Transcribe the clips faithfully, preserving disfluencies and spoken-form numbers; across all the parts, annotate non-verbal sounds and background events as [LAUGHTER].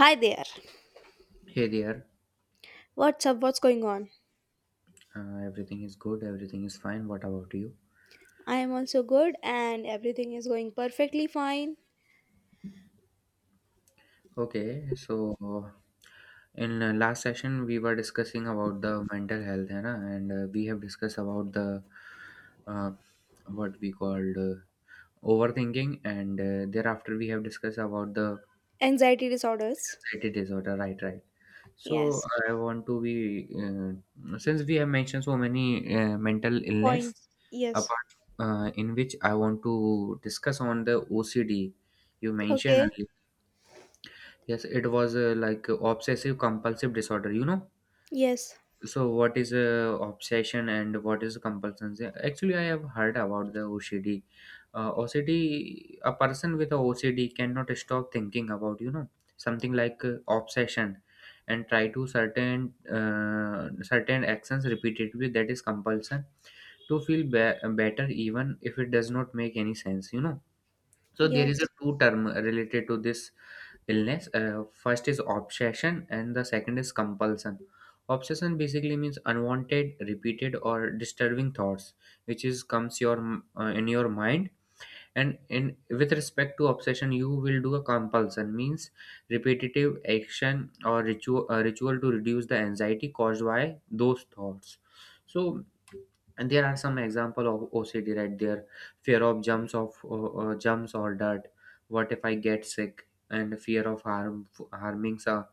Hi there. Hey there, What's up? What's going on? uh, everything is good, everything is fine. What about you? I am also good and everything is going perfectly fine. Okay, so uh, in uh, last session we were discussing about the mental health, है ना? and uh, we have discussed about the uh, what we called uh, overthinking, and uh, thereafter we have discussed about the Anxiety disorders. anxiety disorder. Right, right. So Yes. I want to be uh, since we have mentioned so many uh, mental illness. Points. Yes. Apart uh, In which I want to discuss on the O C D you mentioned Okay. earlier. Yes, it was uh, like uh, obsessive compulsive disorder, you know. Yes. So what is uh, obsession and what is compulsion? Actually, I have heard about the O C D. Uh, O C D, a person with a O C D cannot stop thinking about, you know, something like uh, obsession and try to certain uh, certain actions repeatedly, that is compulsion to feel be- better even if it does not make any sense, you know. So there is a Yes. two term related to this illness. Uh, first is obsession and the second is compulsion. Obsession basically means unwanted repeated or disturbing thoughts which is comes your uh, in your mind, and in with respect to obsession you will do a compulsion, means repetitive action or ritual, uh, ritual to reduce the anxiety caused by those thoughts. So and there are some example of O C D right there. Fear of jumps of uh, uh, jumps or dirt, what if I get sick, and fear of harm, harming so,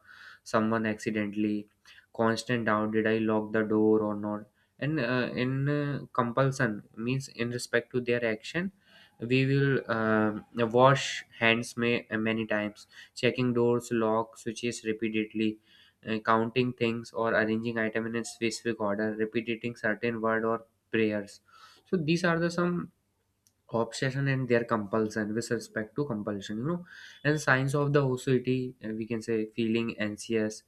someone accidentally, constant doubt, did I lock the door or not. And uh, in uh, compulsion means in respect to their action, we will um wash hands may, many times, checking doors, lock, switches repeatedly, uh, counting things or arranging item in a specific order, repeating certain word or prayers. So these are the some obsession and their compulsion with respect to compulsion, you know. And signs of the O C D, uh, we can say feeling anxious,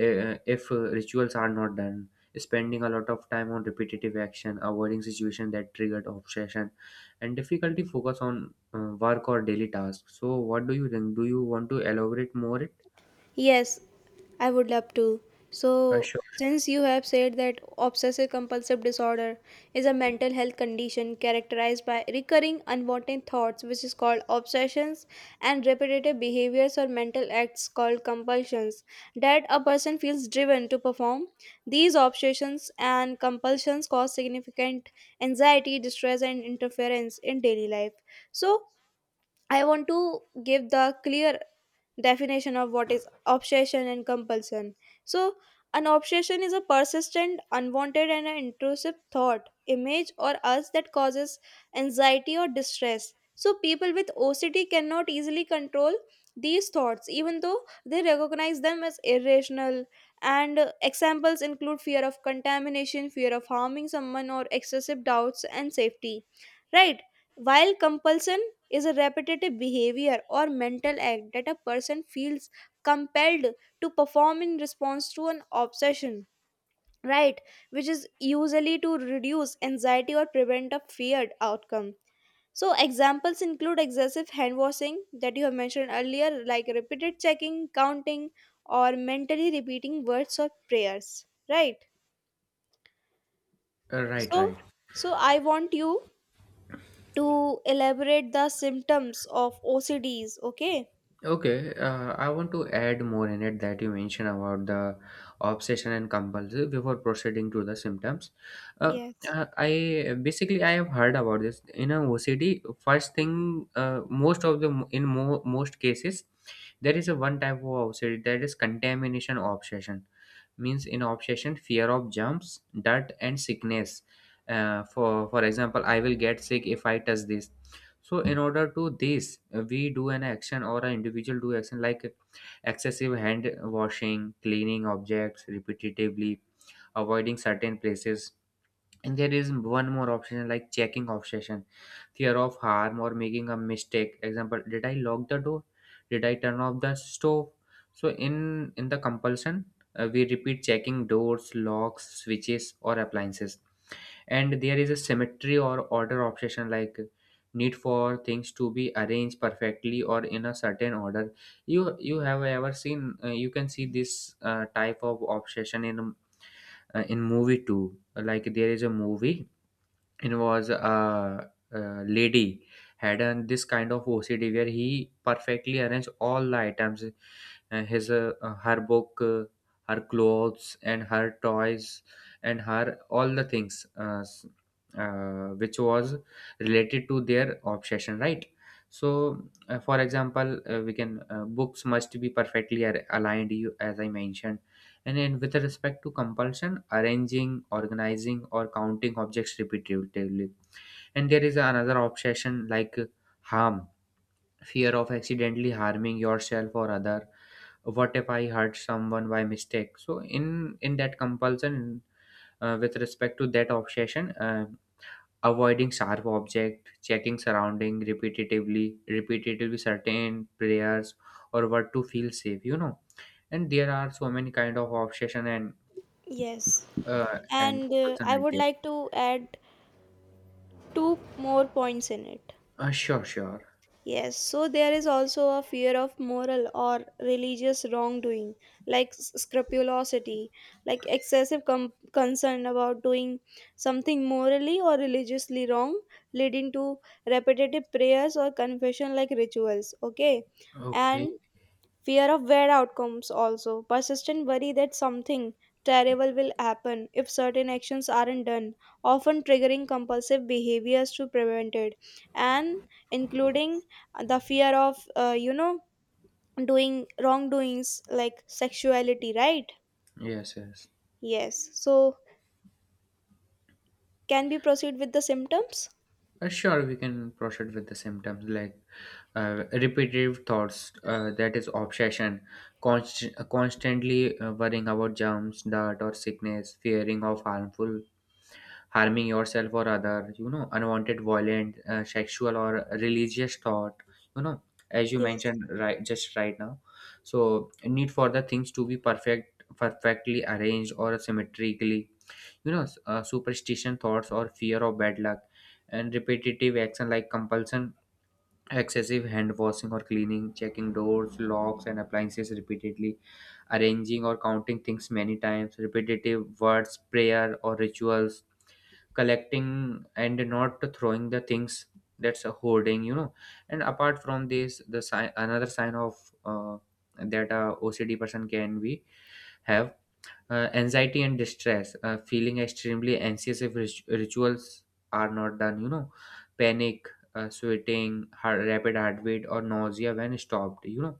uh, uh, if uh, rituals are not done, spending a lot of time on repetitive action, avoiding situation that triggered obsession, and difficulty focus on uh, work or daily tasks. So what do you think, do you want to elaborate more it? Yes. I would love to. uh, So, Sure. since you have said that obsessive compulsive disorder is a mental health condition characterized by recurring unwanted thoughts, which is called obsessions, and repetitive behaviors or mental acts called compulsions, that a person feels driven to perform, these obsessions and compulsions cause significant anxiety, distress, and interference in daily life. So, I want to give the clear definition of what is obsession and compulsion. So, an obsession is a persistent, unwanted, and an intrusive thought, image, or urge that causes anxiety or distress. So, people with O C D cannot easily control these thoughts, even though they recognize them as irrational. And uh, examples include fear of contamination, fear of harming someone, or excessive doubts and safety. Right? While compulsion is a repetitive behavior or mental act that a person feels compelled to perform in response to an obsession, right, which is usually to reduce anxiety or prevent a feared outcome. So, examples include excessive hand washing that you have mentioned earlier, like repeated checking, counting, or mentally repeating words or prayers, right? Uh, right, so right. so I want you to elaborate the symptoms of OCDs. Okay. Okay, uh, I want to add more in it that you mentioned about the obsession and compulsion before proceeding to the symptoms. Uh, Yes. uh, I basically I have heard about this in a O C D. First thing, uh, most of the in mo- most cases there is a one type of O C D that is contamination obsession, means in obsession fear of jumps, dirt and sickness. Uh, for for example, I will get sick if I touch this. So in order to this, uh, we do an action or an individual do action like excessive hand washing, cleaning objects repetitively, avoiding certain places. And there is one more option like checking obsession, fear of harm or making a mistake. Example, did I lock the door? Did I turn off the stove? So in in the compulsion, uh, we repeat checking doors, locks, switches, or appliances. And there is a symmetry or order obsession like need for things to be arranged perfectly or in a certain order. You you have ever seen? Uh, you can see this uh, type of obsession in uh, in movie too. Like there is a movie, it was a, a lady had an, this kind of O C D where he perfectly arranged all the items, uh, his uh, uh, her book, uh, her clothes, and her toys, and her all the things uh, s- uh, which was related to their obsession, right? So, uh, for example, uh, we can uh, books must be perfectly ar- aligned. You, as I mentioned, and then with respect to compulsion, arranging, organizing, or counting objects repetitively. And there is another obsession like uh, harm, fear of accidentally harming yourself or other. What if I hurt someone by mistake? So in in that compulsion, uh, with respect to that obsession, uh, avoiding sharp object, checking surrounding repetitively, repetitively certain prayers or what to feel safe, you know. And there are so many kind of obsession and Yes, uh, and and uh, person I like would that. like to add two more points in it. Uh, sure, sure. Yes, so there is also a fear of moral or religious wrongdoing, like s- scrupulosity, like excessive com- concern about doing something morally or religiously wrong, leading to repetitive prayers or confession like rituals. Okay, Okay. and fear of bad outcomes also. Persistent worry that something terrible will happen if certain actions aren't done, often triggering compulsive behaviors to prevent it. And including the fear of, uh, you know, doing wrongdoings like sexuality, right? Yes, yes. Yes. So, can we proceed with the symptoms? Uh, sure, we can proceed with the symptoms like uh, repetitive thoughts, uh, that is obsession, const- uh, constantly uh, worrying about germs, dirt, or sickness, fearing of harmful, harming yourself or other, you know, unwanted, violent, uh, sexual, or religious thought, you know, as you Yes. mentioned right just right now. So, need for the things to be perfect, perfectly arranged or symmetrically, you know, s- uh, superstition thoughts or fear of bad luck, and repetitive action like compulsion, excessive hand washing or cleaning, checking doors, locks and appliances repeatedly, arranging or counting things many times, repetitive words, prayer or rituals, collecting and not throwing the things, that's a hoarding, you know. And apart from this, the sign, another sign of uh, that a OCD person can be have uh, anxiety and distress, uh, feeling extremely anxious if rit- rituals are not done, you know, panic, uh, sweating, heart, rapid heart rate, or nausea when stopped, you know,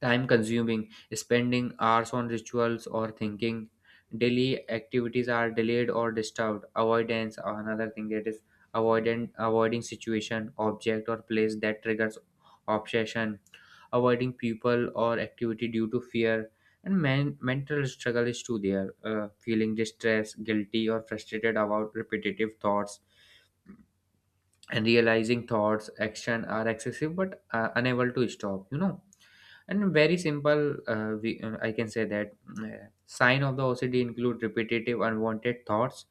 time consuming, spending hours on rituals or thinking. Daily activities are delayed or disturbed. Avoidance, another thing that is avoidant, avoiding situation, object, or place that triggers obsession. Avoiding people or activity due to fear. And men- mental struggle is too there. Uh, feeling distress, guilty, or frustrated about repetitive thoughts, and realizing thoughts action are excessive but uh, unable to stop, you know. And very simple, uh, we, uh, I can say that uh, sign of the OCD include repetitive unwanted thoughts,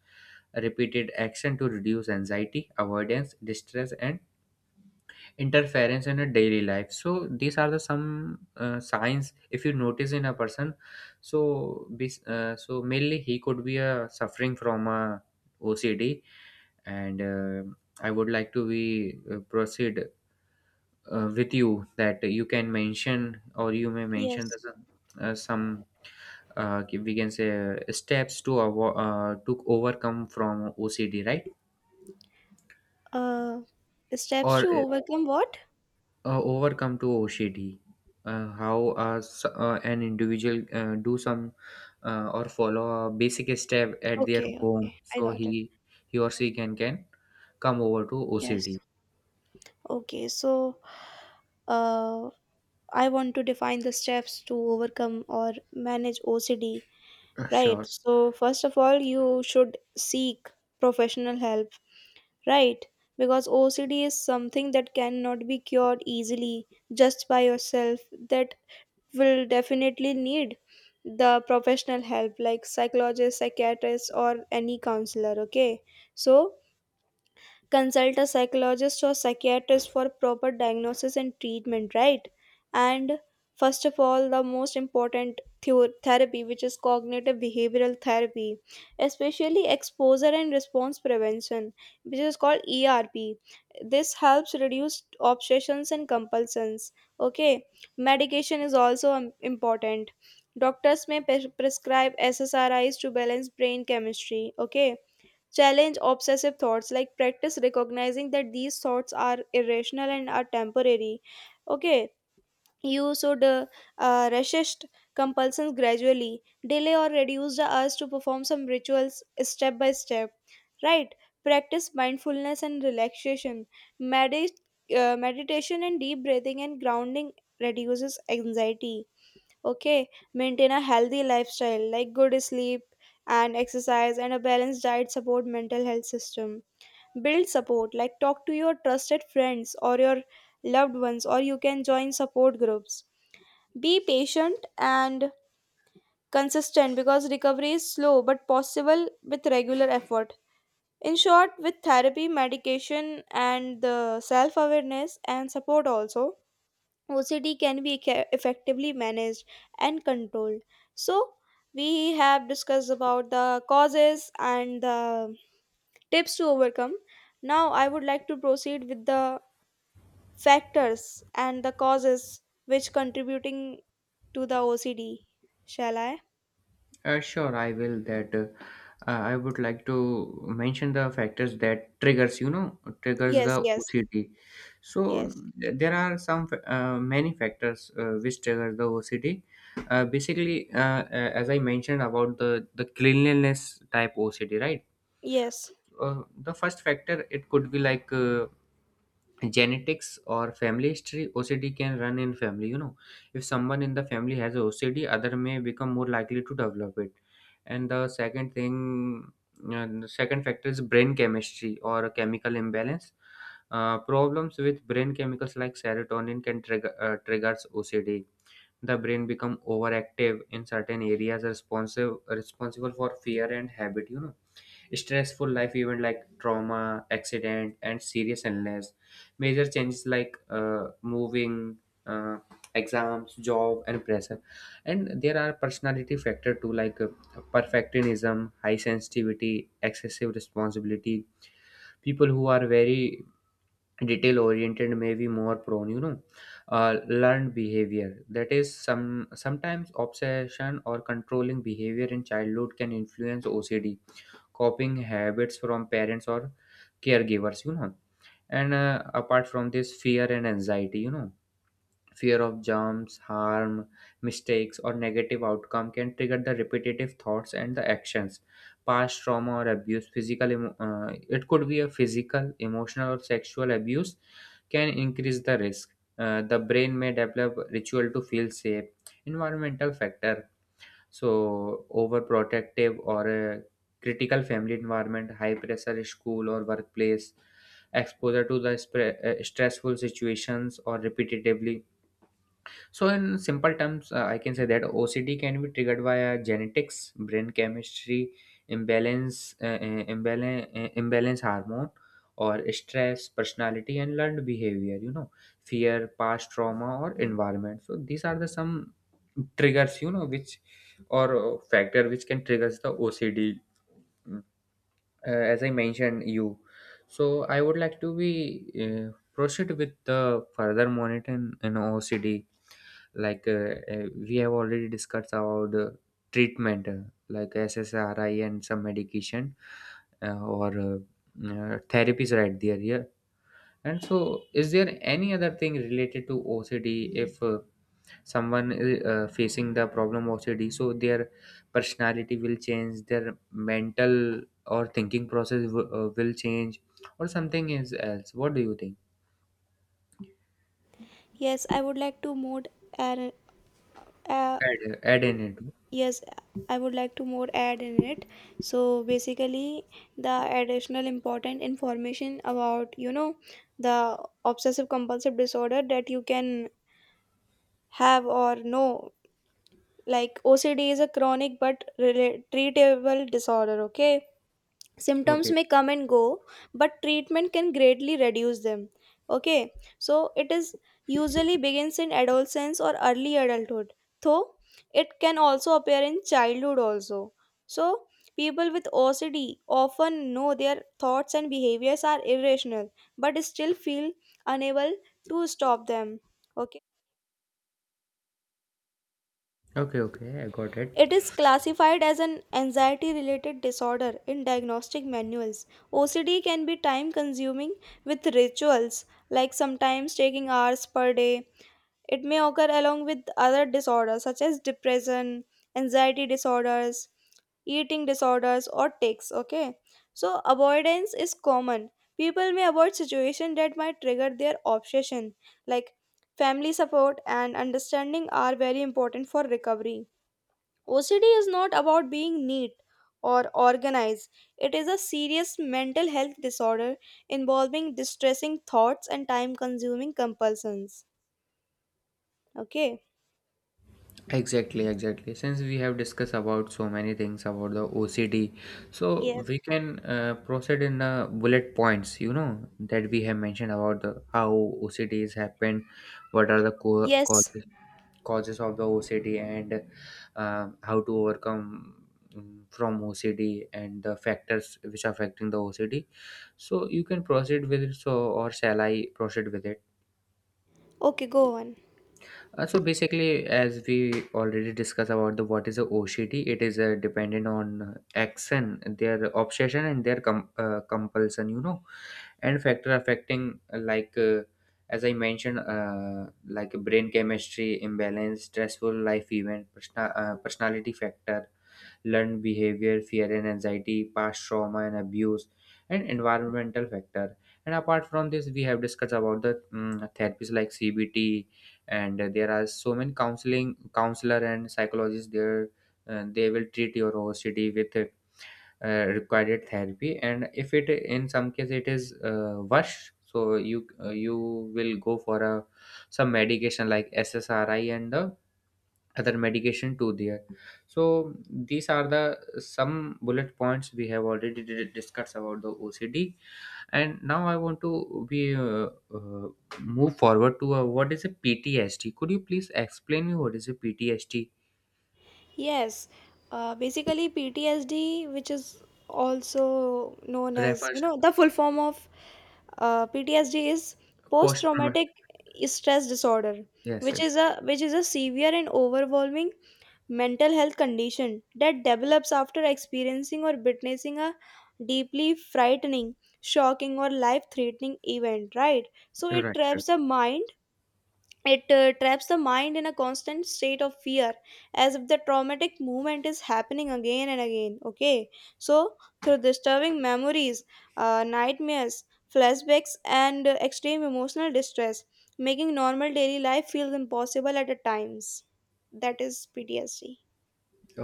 repeated action to reduce anxiety, avoidance, distress and interference in a daily life. So these are the some uh, signs, if you notice in a person, so this uh, so mainly he could be uh, suffering from a O C D. And uh, I would like to be uh, proceed uh, with you that you can mention or you may mention Yes. the, some, uh, some, uh, we can say uh, steps to avo- uh, to overcome from O C D, right? Uh, Steps to Or overcome what? uh, overcome to O C D, uh, how uh, s- uh, an individual uh, do some uh, or follow a basic step at their Okay. home, Okay. I so got he it. he or she can can come over to Yes. O C D. Okay. So, uh, I want to define the steps to overcome or manage O C D, Uh, right? Sure. So, first of all, you should seek professional help, right? Because O C D is something that cannot be cured easily just by yourself, that will definitely need the professional help like psychologist, psychiatrist, or any counselor. Okay, so consult a psychologist or psychiatrist for proper diagnosis and treatment, right? And first of all, the most important theo- therapy, which is cognitive behavioral therapy, especially exposure and response prevention, which is called E R P. This helps reduce obsessions and compulsions. Okay. Medication is also um, important. Doctors may pres- prescribe S S R Is to balance brain chemistry. Okay. Challenge obsessive thoughts, like practice recognizing that these thoughts are irrational and are temporary. Okay, you should uh, uh, resist compulsions gradually, delay or reduce the urge to perform some rituals step by step. Right, practice mindfulness and relaxation, Medi- uh, meditation and deep breathing and grounding reduces anxiety. Okay. Maintain a healthy lifestyle like good sleep and exercise and a balanced diet support mental health system. Build support, like talk to your trusted friends or your loved ones, or you can join support groups. Be patient and consistent because recovery is slow but possible with regular effort. In short, with therapy, medication, and the self awareness and support also, O C D can be ca- effectively managed and controlled. So, we have discussed about the causes and the tips to overcome. Now, I would like to proceed with the factors and the causes which contributing to the O C D. Shall I? Uh, sure, I will. That uh, uh, I would like to mention the factors that triggers, you know, triggers the Yes, yes, O C D. So yes, th- there are some fa- uh, many factors uh, which trigger the O C D. Uh, basically, uh, a- as I mentioned about the the cleanliness type O C D, right? yes, Uh, the first factor it could be like. Uh, genetics or family history, O C D can run in family, you know. If someone in the family has O C D, other may become more likely to develop it. And the second thing, uh, the second factor is brain chemistry or a chemical imbalance. Uh, problems with brain chemicals like serotonin can trigger uh, triggers O C D. The brain become overactive in certain areas responsive responsible for fear and habit, you know. Stressful life event like trauma, accident and serious illness, major changes like uh, moving, uh, exams, job and pressure. And there are personality factor too, like uh, perfectionism, high sensitivity, excessive responsibility, people who are very detail oriented may be more prone, you know. Uh, learned behavior, that is some sometimes obsession or controlling behavior in childhood can influence O C D, copying habits from parents or caregivers, you know. And uh, apart from this, fear and anxiety, you know, fear of jumps, harm, mistakes or negative outcome can trigger the repetitive thoughts and the actions. Past trauma or abuse, physical, emo- uh, it could be a physical, emotional or sexual abuse, can increase the risk. Uh, the brain may develop ritual to feel safe, environmental factor, so overprotective or a critical family environment, high pressure school or workplace, exposure to the spre- uh, stressful situations or repetitively. So, in simple terms, uh, I can say that O C D can be triggered via genetics, brain chemistry, imbalance, uh, uh, imbalance, uh, imbalance hormone, or stress, personality, and learned behavior. You know, fear, past trauma, or environment. So, these are the some triggers. You know, which or uh, factor which can triggers the O C D. Uh, as I mentioned, you. So, I would like to be uh, proceed with the further monitoring in O C D, like uh, uh, we have already discussed about the treatment, uh, like S S R I and some medication, uh, or uh, uh, therapies right there, yeah. And so is there any other thing related to O C D, if uh, someone is uh, facing the problem O C D, so their personality will change, their mental or thinking process w- uh, will change or something is else, what do you think? yes. I would like to move, and Add, add in it. yes, I would like to more add in it. So basically, the additional important information about, you know the obsessive compulsive disorder that you can have or know, like OCD is a chronic but rela- treatable disorder. Okay, symptoms Okay, may come and go, but treatment can greatly reduce them. Okay. So, it is usually begins in adolescence or early adulthood, though it can also appear in childhood also. So, people with OCD often know their thoughts and behaviors are irrational, but still feel unable to stop them. Okay. okay, okay, I got it. It is classified as an anxiety related disorder in diagnostic manuals. O C D can be time consuming with rituals, like sometimes taking hours per day. It may occur along with other disorders such as depression, anxiety disorders, eating disorders, or tics. Okay, so avoidance is common. People may avoid situations that might trigger their obsession, like family support and understanding are very important for recovery. O C D is not about being neat or organized. It is a serious mental health disorder involving distressing thoughts and time consuming compulsions. Okay. Exactly, exactly. Since we have discussed about so many things about the O C D, so we Yes. can uh, proceed in the bullet points, you know, that we have mentioned about the, how O C D is happened, what are the co- Yes. causes, causes of the O C D, and uh, how to overcome mm, from O C D and the factors which are affecting the O C D. So you can proceed with it, so or shall I proceed with it? Okay, go on. Uh, so basically, as we already discussed about the what is a O C D, it is uh, dependent on action, their obsession, and their com- uh, compulsion. You know, and factor affecting uh, like uh, as I mentioned, uh, like brain chemistry imbalance, stressful life event, persona- uh, personality factor, learned behavior, fear and anxiety, past trauma and abuse, and environmental factor. And apart from this, we have discussed about the mm therapies like C B T, and uh, there are so many counseling counselor and psychologists there. Uh, they will treat your O C D with uh, uh, required therapy, and if it in some case it is uh, worse, so you uh, you will go for a some medication like S S R I and the other medication to there. So these are the some bullet points we have already did- discussed about the OCD, and now I want to be uh, uh, move forward to uh, what is a PTSD. Could you please explain me what is a PTSD? Yes. Uh, basically, P T S D, which is also known as, you Refers know, the full form of uh, P T S D is post post trauma. traumatic stress disorder, Yes, which is yes, right. a which is a severe and overwhelming mental health condition that develops after experiencing or witnessing a deeply frightening, shocking, or life threatening event, right? So it Right. traps Right. the mind it uh, traps the mind in a constant state of fear, as if the traumatic movement is happening again and again. Okay, so through disturbing memories, uh, nightmares, flashbacks, and uh, extreme emotional distress, making normal daily life feel impossible at a times. That is PTSD.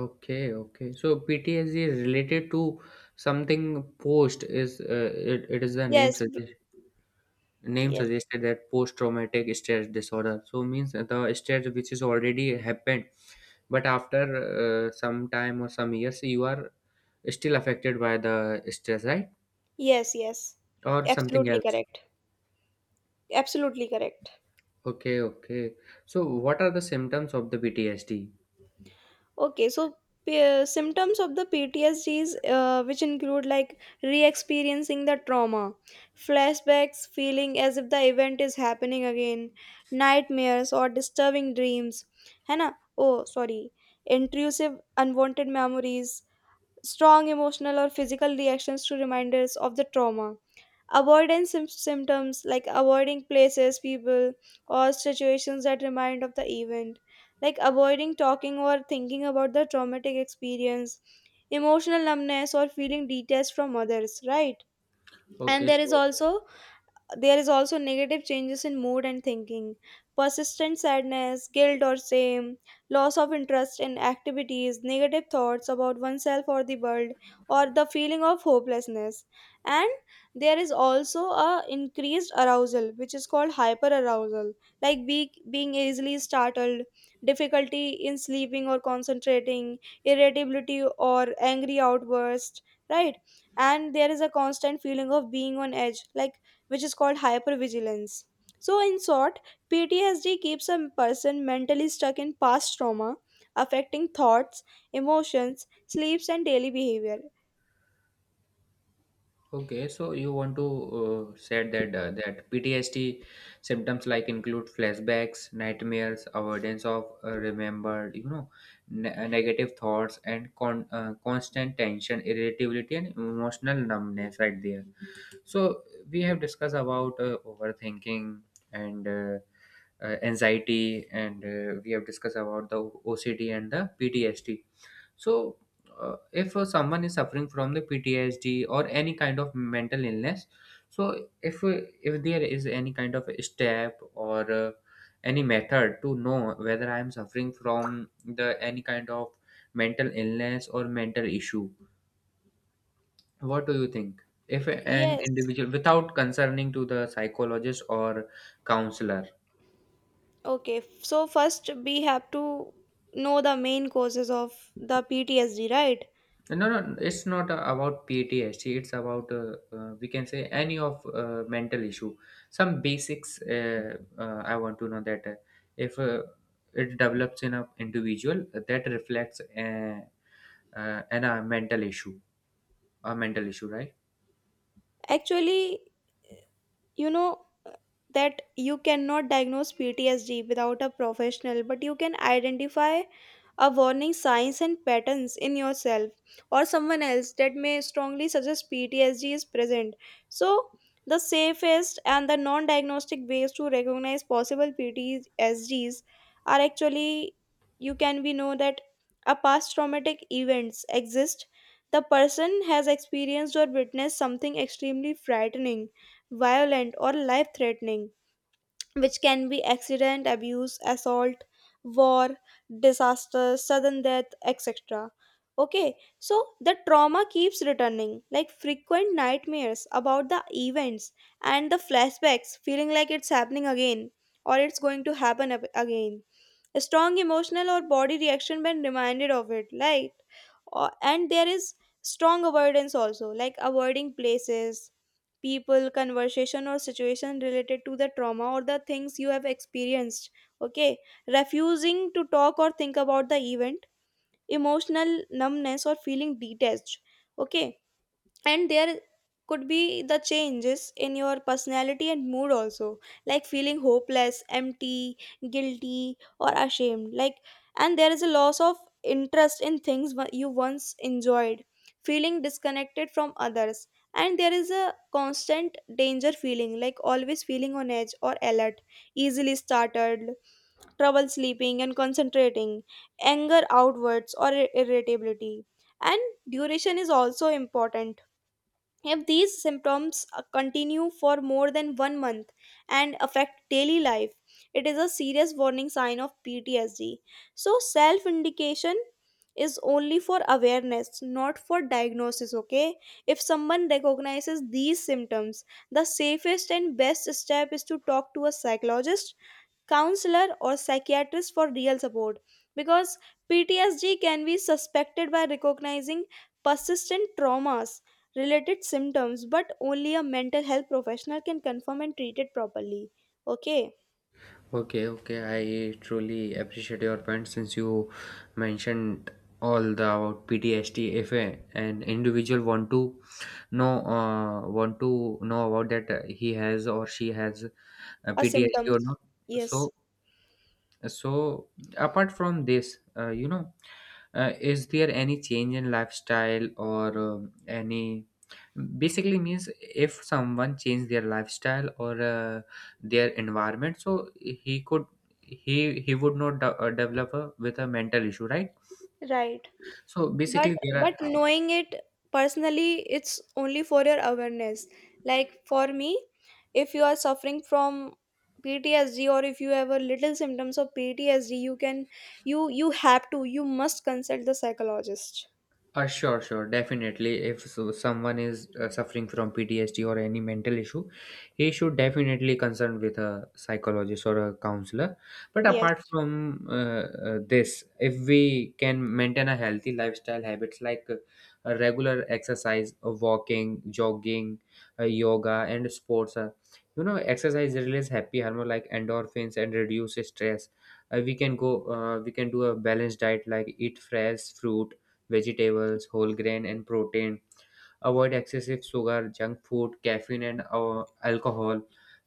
Okay, okay, so PTSD is related to something. Post is uh, it, it is the name Yes, b- suggests, name yes, suggested that post traumatic stress disorder. So means the stress which is already happened, but after uh, some time or some years you are still affected by the stress, right? yes, yes. Or something Absolutely else. correct. Absolutely correct. Okay, okay, so what are the symptoms of the PTSD? Okay, so p- uh, symptoms of the P T S Ds, uh, which include, like, re experiencing the trauma, flashbacks, feeling as if the event is happening again, nightmares or disturbing dreams, है ना? Oh, sorry. Intrusive unwanted memories, strong emotional or physical reactions to reminders of the trauma. Avoidance sym- symptoms like avoiding places, people, or situations that remind of the event, like avoiding talking or thinking about the traumatic experience, emotional numbness, or feeling detached from others, right? And okay there is so also there is also negative changes in mood and thinking, persistent sadness, guilt or shame, loss of interest in activities, negative thoughts about oneself or the world, or the feeling of hopelessness. And there is also a increased arousal, which is called hyperarousal, like, be, being easily startled, difficulty in sleeping or concentrating, irritability or angry outburst, right? And there is a constant feeling of being on edge, like, which is called hypervigilance. So, in short, P T S D keeps a person mentally stuck in past trauma, affecting thoughts, emotions, sleeps, and daily behavior. Okay, so you want to uh, said that uh, that P T S D symptoms like include flashbacks, nightmares, avoidance of uh, remembered, you know, ne- uh, negative thoughts, and con- uh, constant tension, irritability, and emotional numbness. Right there. So we have discussed about uh, overthinking and uh, uh, anxiety, and uh, we have discussed about the O C D and the P T S D. So, uh, if uh, someone is suffering from the P T S D or any kind of mental illness, so if uh, if there is any kind of step or uh, any method to know whether I am suffering from the any kind of mental illness or mental issue, what do you think? If an Yes. individual, without concerning to the psychologist or counselor. Okay. So, first, we have to know the main causes of the P T S D, right? No, no, it's not uh, about P T S D. It's about uh, uh, we can say any of uh, mental issue. Some basics uh, uh, I want to know that uh, if uh, it develops in a individual, that reflects uh, uh, in a mental issue, a mental issue, right? Actually, you know, uh, that you cannot diagnose P T S D without a professional, but you can identify a warning signs and patterns in yourself or someone else that may strongly suggest P T S D is present. So, the safest and the non diagnostic ways to recognize possible P T S Ds are actually you can be know that a past traumatic events exist, the person has experienced or witnessed something extremely frightening, violent, or life threatening, which can be accident, abuse, assault, war, disaster, sudden death, etc. Okay, so the trauma keeps returning, like frequent nightmares about the events and the flashbacks, feeling like it's happening again or it's going to happen ab- again, a strong emotional or body reaction when reminded of it, right? Or- and there is strong avoidance also, like avoiding places, people, conversation, or situation related to the trauma or the things you have experienced. Okay, refusing to talk or think about the event, emotional numbness or feeling detached. Okay, and there could be the changes in your personality and mood also, like feeling hopeless, empty, guilty, or ashamed, like, and there is a loss of interest in things wha- you once enjoyed, feeling disconnected from others, and there is a constant danger feeling, like always feeling on edge or alert, easily startled, trouble sleeping and concentrating, anger outwards or ir- irritability. And duration is also important. If these symptoms uh, continue for more than one month and affect daily life, it is a serious warning sign of P T S D. So, self indication is only for awareness, not for diagnosis. Okay, if someone recognizes these symptoms, the safest and best step is to talk to a psychologist, counselor, or psychiatrist for real support, because P T S D can be suspected by recognizing persistent traumas related symptoms, but only a mental health professional can confirm and treat it properly. Okay. Okay, okay. I truly appreciate your point since you mentioned all the about P T S D. If a, an individual want to know, uh, want to know about that uh, he has or she has uh, A P T S D symptoms. or not, Yes, so so, apart from this, uh, you know, uh, is there any change in lifestyle or um, any? Basically means if someone change their lifestyle or uh, their environment, so he could he he would not de- uh, develop a, with a mental issue, right? right. So but basically, there are. but knowing it personally, it's only for your awareness. Like for me, if you are suffering from P T S D or if you have a little symptoms of P T S D, you can you you have to you must consult the psychologist. Uh, sure, sure, definitely. If so, someone is uh, suffering from P T S D or any mental issue, he should definitely consult with a psychologist or a counselor. But Yes, apart from uh, uh, this, if we can maintain a healthy lifestyle habits like uh, a regular exercise, uh, walking, jogging, uh, yoga, and sports, uh, you know, exercise release happy hormone like endorphins and reduce stress. Uh, we can go. Uh, we can do a balanced diet like eat fresh fruit vegetables, whole grain, and protein. Avoid excessive sugar, junk food, caffeine, and uh, alcohol.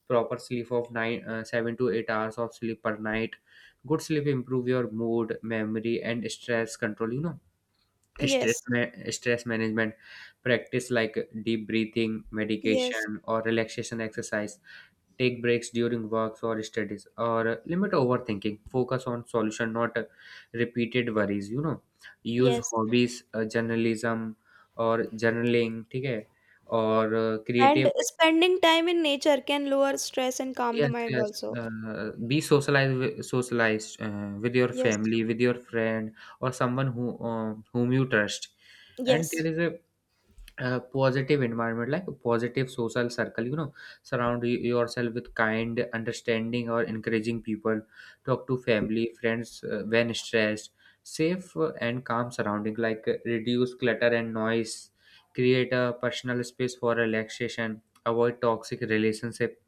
Proper sleep of nine, uh, seven to eight hours of sleep per night. Good sleep improve your mood, memory, and stress control. You know, stress, yes, ma- stress management. Practice like deep breathing, yes, medication, or relaxation exercise. Take breaks during works or studies, or uh, limit overthinking, focus on solution, not uh, repeated worries, you know. Use yes. hobbies, uh, journalism or journaling. Okay, or uh, And creative. spending time in nature can lower stress and calm the Yes, mind yes. also. Uh, be socialized wi- socialized uh, with your Yes, family, with your friend, or someone who uh, whom you trust. And there yes, is a a positive environment like a positive social circle, you know. Surround y- yourself with kind, understanding, or encouraging people. Talk to family, friends, uh, when stressed. Safe uh, and calm surrounding, like uh, reduce clutter and noise. Create a personal space for relaxation. Avoid toxic relationship.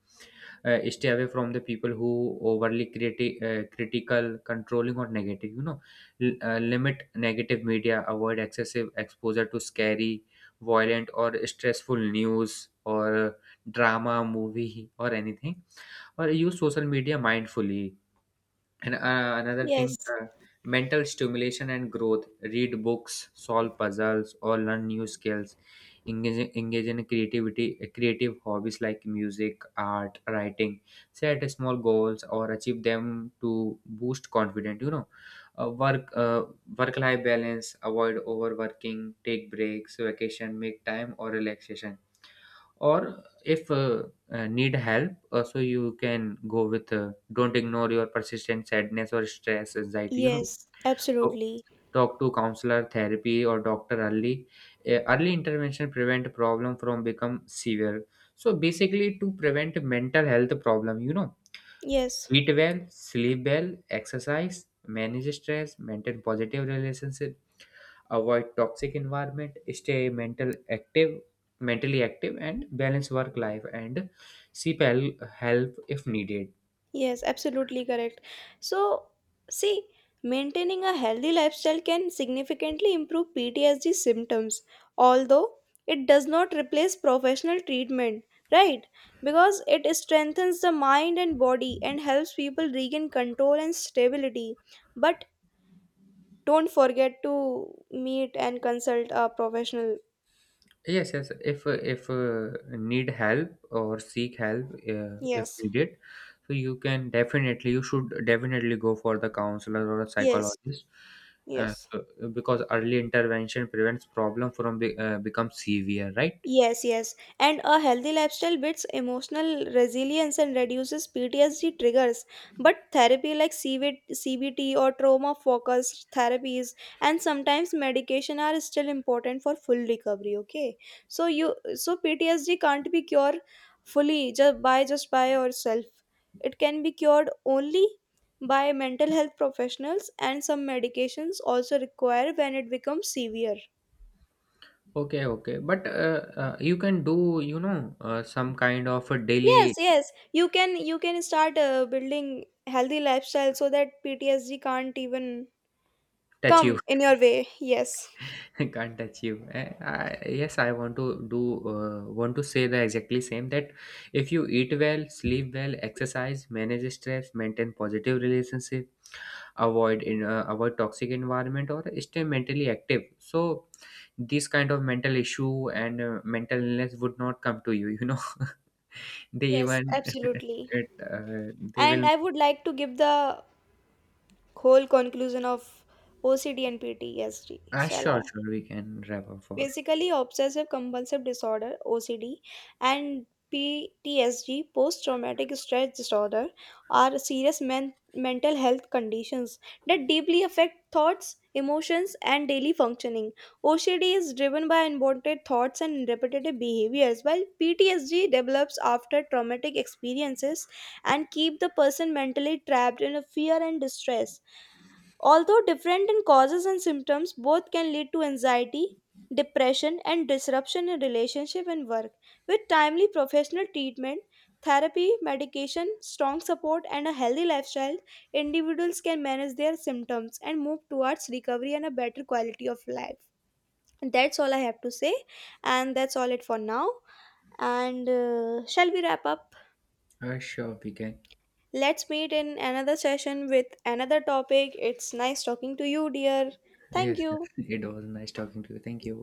uh, Stay away from the people who overly criti- uh, critical, controlling, or negative, you know. L- uh, limit negative media. Avoid excessive exposure to scary, violent, or stressful news, or drama movie or anything, or use social media mindfully. And uh, another thing, yes, uh, mental stimulation and growth. Read books, solve puzzles, or learn new skills. Engage, engage in creativity, uh, creative hobbies like music, art, writing. Set small goals or achieve them to boost confidence. You know, uh, work, uh, work-life balance. Avoid overworking. Take breaks, vacation, make time or relaxation. Or if uh, uh, need help also, you can go with uh, don't ignore your persistent sadness or stress anxiety, you know. yes, Talk absolutely. Talk to counselor, therapy, or doctor early. Uh, early intervention prevent problem from become severe. So basically, to prevent mental health problem, you know, Yes. eat well, sleep well, exercise, manage stress, maintain positive relationship, avoid toxic environment, stay mental active mentally active, and balance work life, and seek hel- help if needed. Yes, absolutely correct. So, see, maintaining a healthy lifestyle can significantly improve P T S D symptoms, although it does not replace professional treatment, right? Because it strengthens the mind and body and helps people regain control and stability. But don't forget to meet and consult a professional. Yes, yes, if uh, if uh, need help or seek help uh, if Yes, needed, so you can definitely you should definitely go for the counselor or a yes, psychologist. uh, yes. so, because early intervention prevents problem from be, uh, become severe, right? Yes, yes. And a healthy lifestyle builds emotional resilience and reduces P T S D triggers. But therapy like C V C B T or trauma focused therapies and sometimes medication are still important for full recovery, okay? So you so P T S D can't be cured fully, just by just by yourself. It can be cured only by mental health professionals, and some medications also require when it becomes severe. Okay, okay, but uh, uh, you can do, you know, uh, some kind of a Yes, daily yes. You can you can start uh, building healthy lifestyle so that PTSD can't even touch. come in your way. Yes. [LAUGHS] Can't touch you. Eh, I, yes, I want to do, uh, want to say the exactly same that if you eat well, sleep well, exercise, manage stress, maintain positive relationship, avoid in uh, avoid toxic environment, or stay mentally active, so this kind of mental issue and uh, mental illness would not come to you, you know. [LAUGHS] They Yes, even [LAUGHS] absolutely. it, uh, they And will. I would like to give the whole conclusion of OCD and PTSD. Ah, Shall I? sure, sure, we can wrap up for. Basically, obsessive compulsive disorder, O C D, and P T S D, post traumatic stress disorder, are serious men- mental health conditions that deeply affect thoughts, emotions, and daily functioning. O C D is driven by unwanted thoughts and repetitive behaviors, while P T S D develops after traumatic experiences and keep the person mentally trapped in a fear and distress. Although different in causes and symptoms, both can lead to anxiety, depression, and disruption in relationship and work. With timely professional treatment, therapy, medication, strong support, and a healthy lifestyle, individuals can manage their symptoms and move towards recovery and a better quality of life. That's all I have to say, and that's all it for now. And uh, shall we wrap up? Uh, sure, we can. Let's meet in another session with another topic. It's nice talking to you, dear. Thank Yes, yes. you. [LAUGHS] It was nice talking to you. Thank you.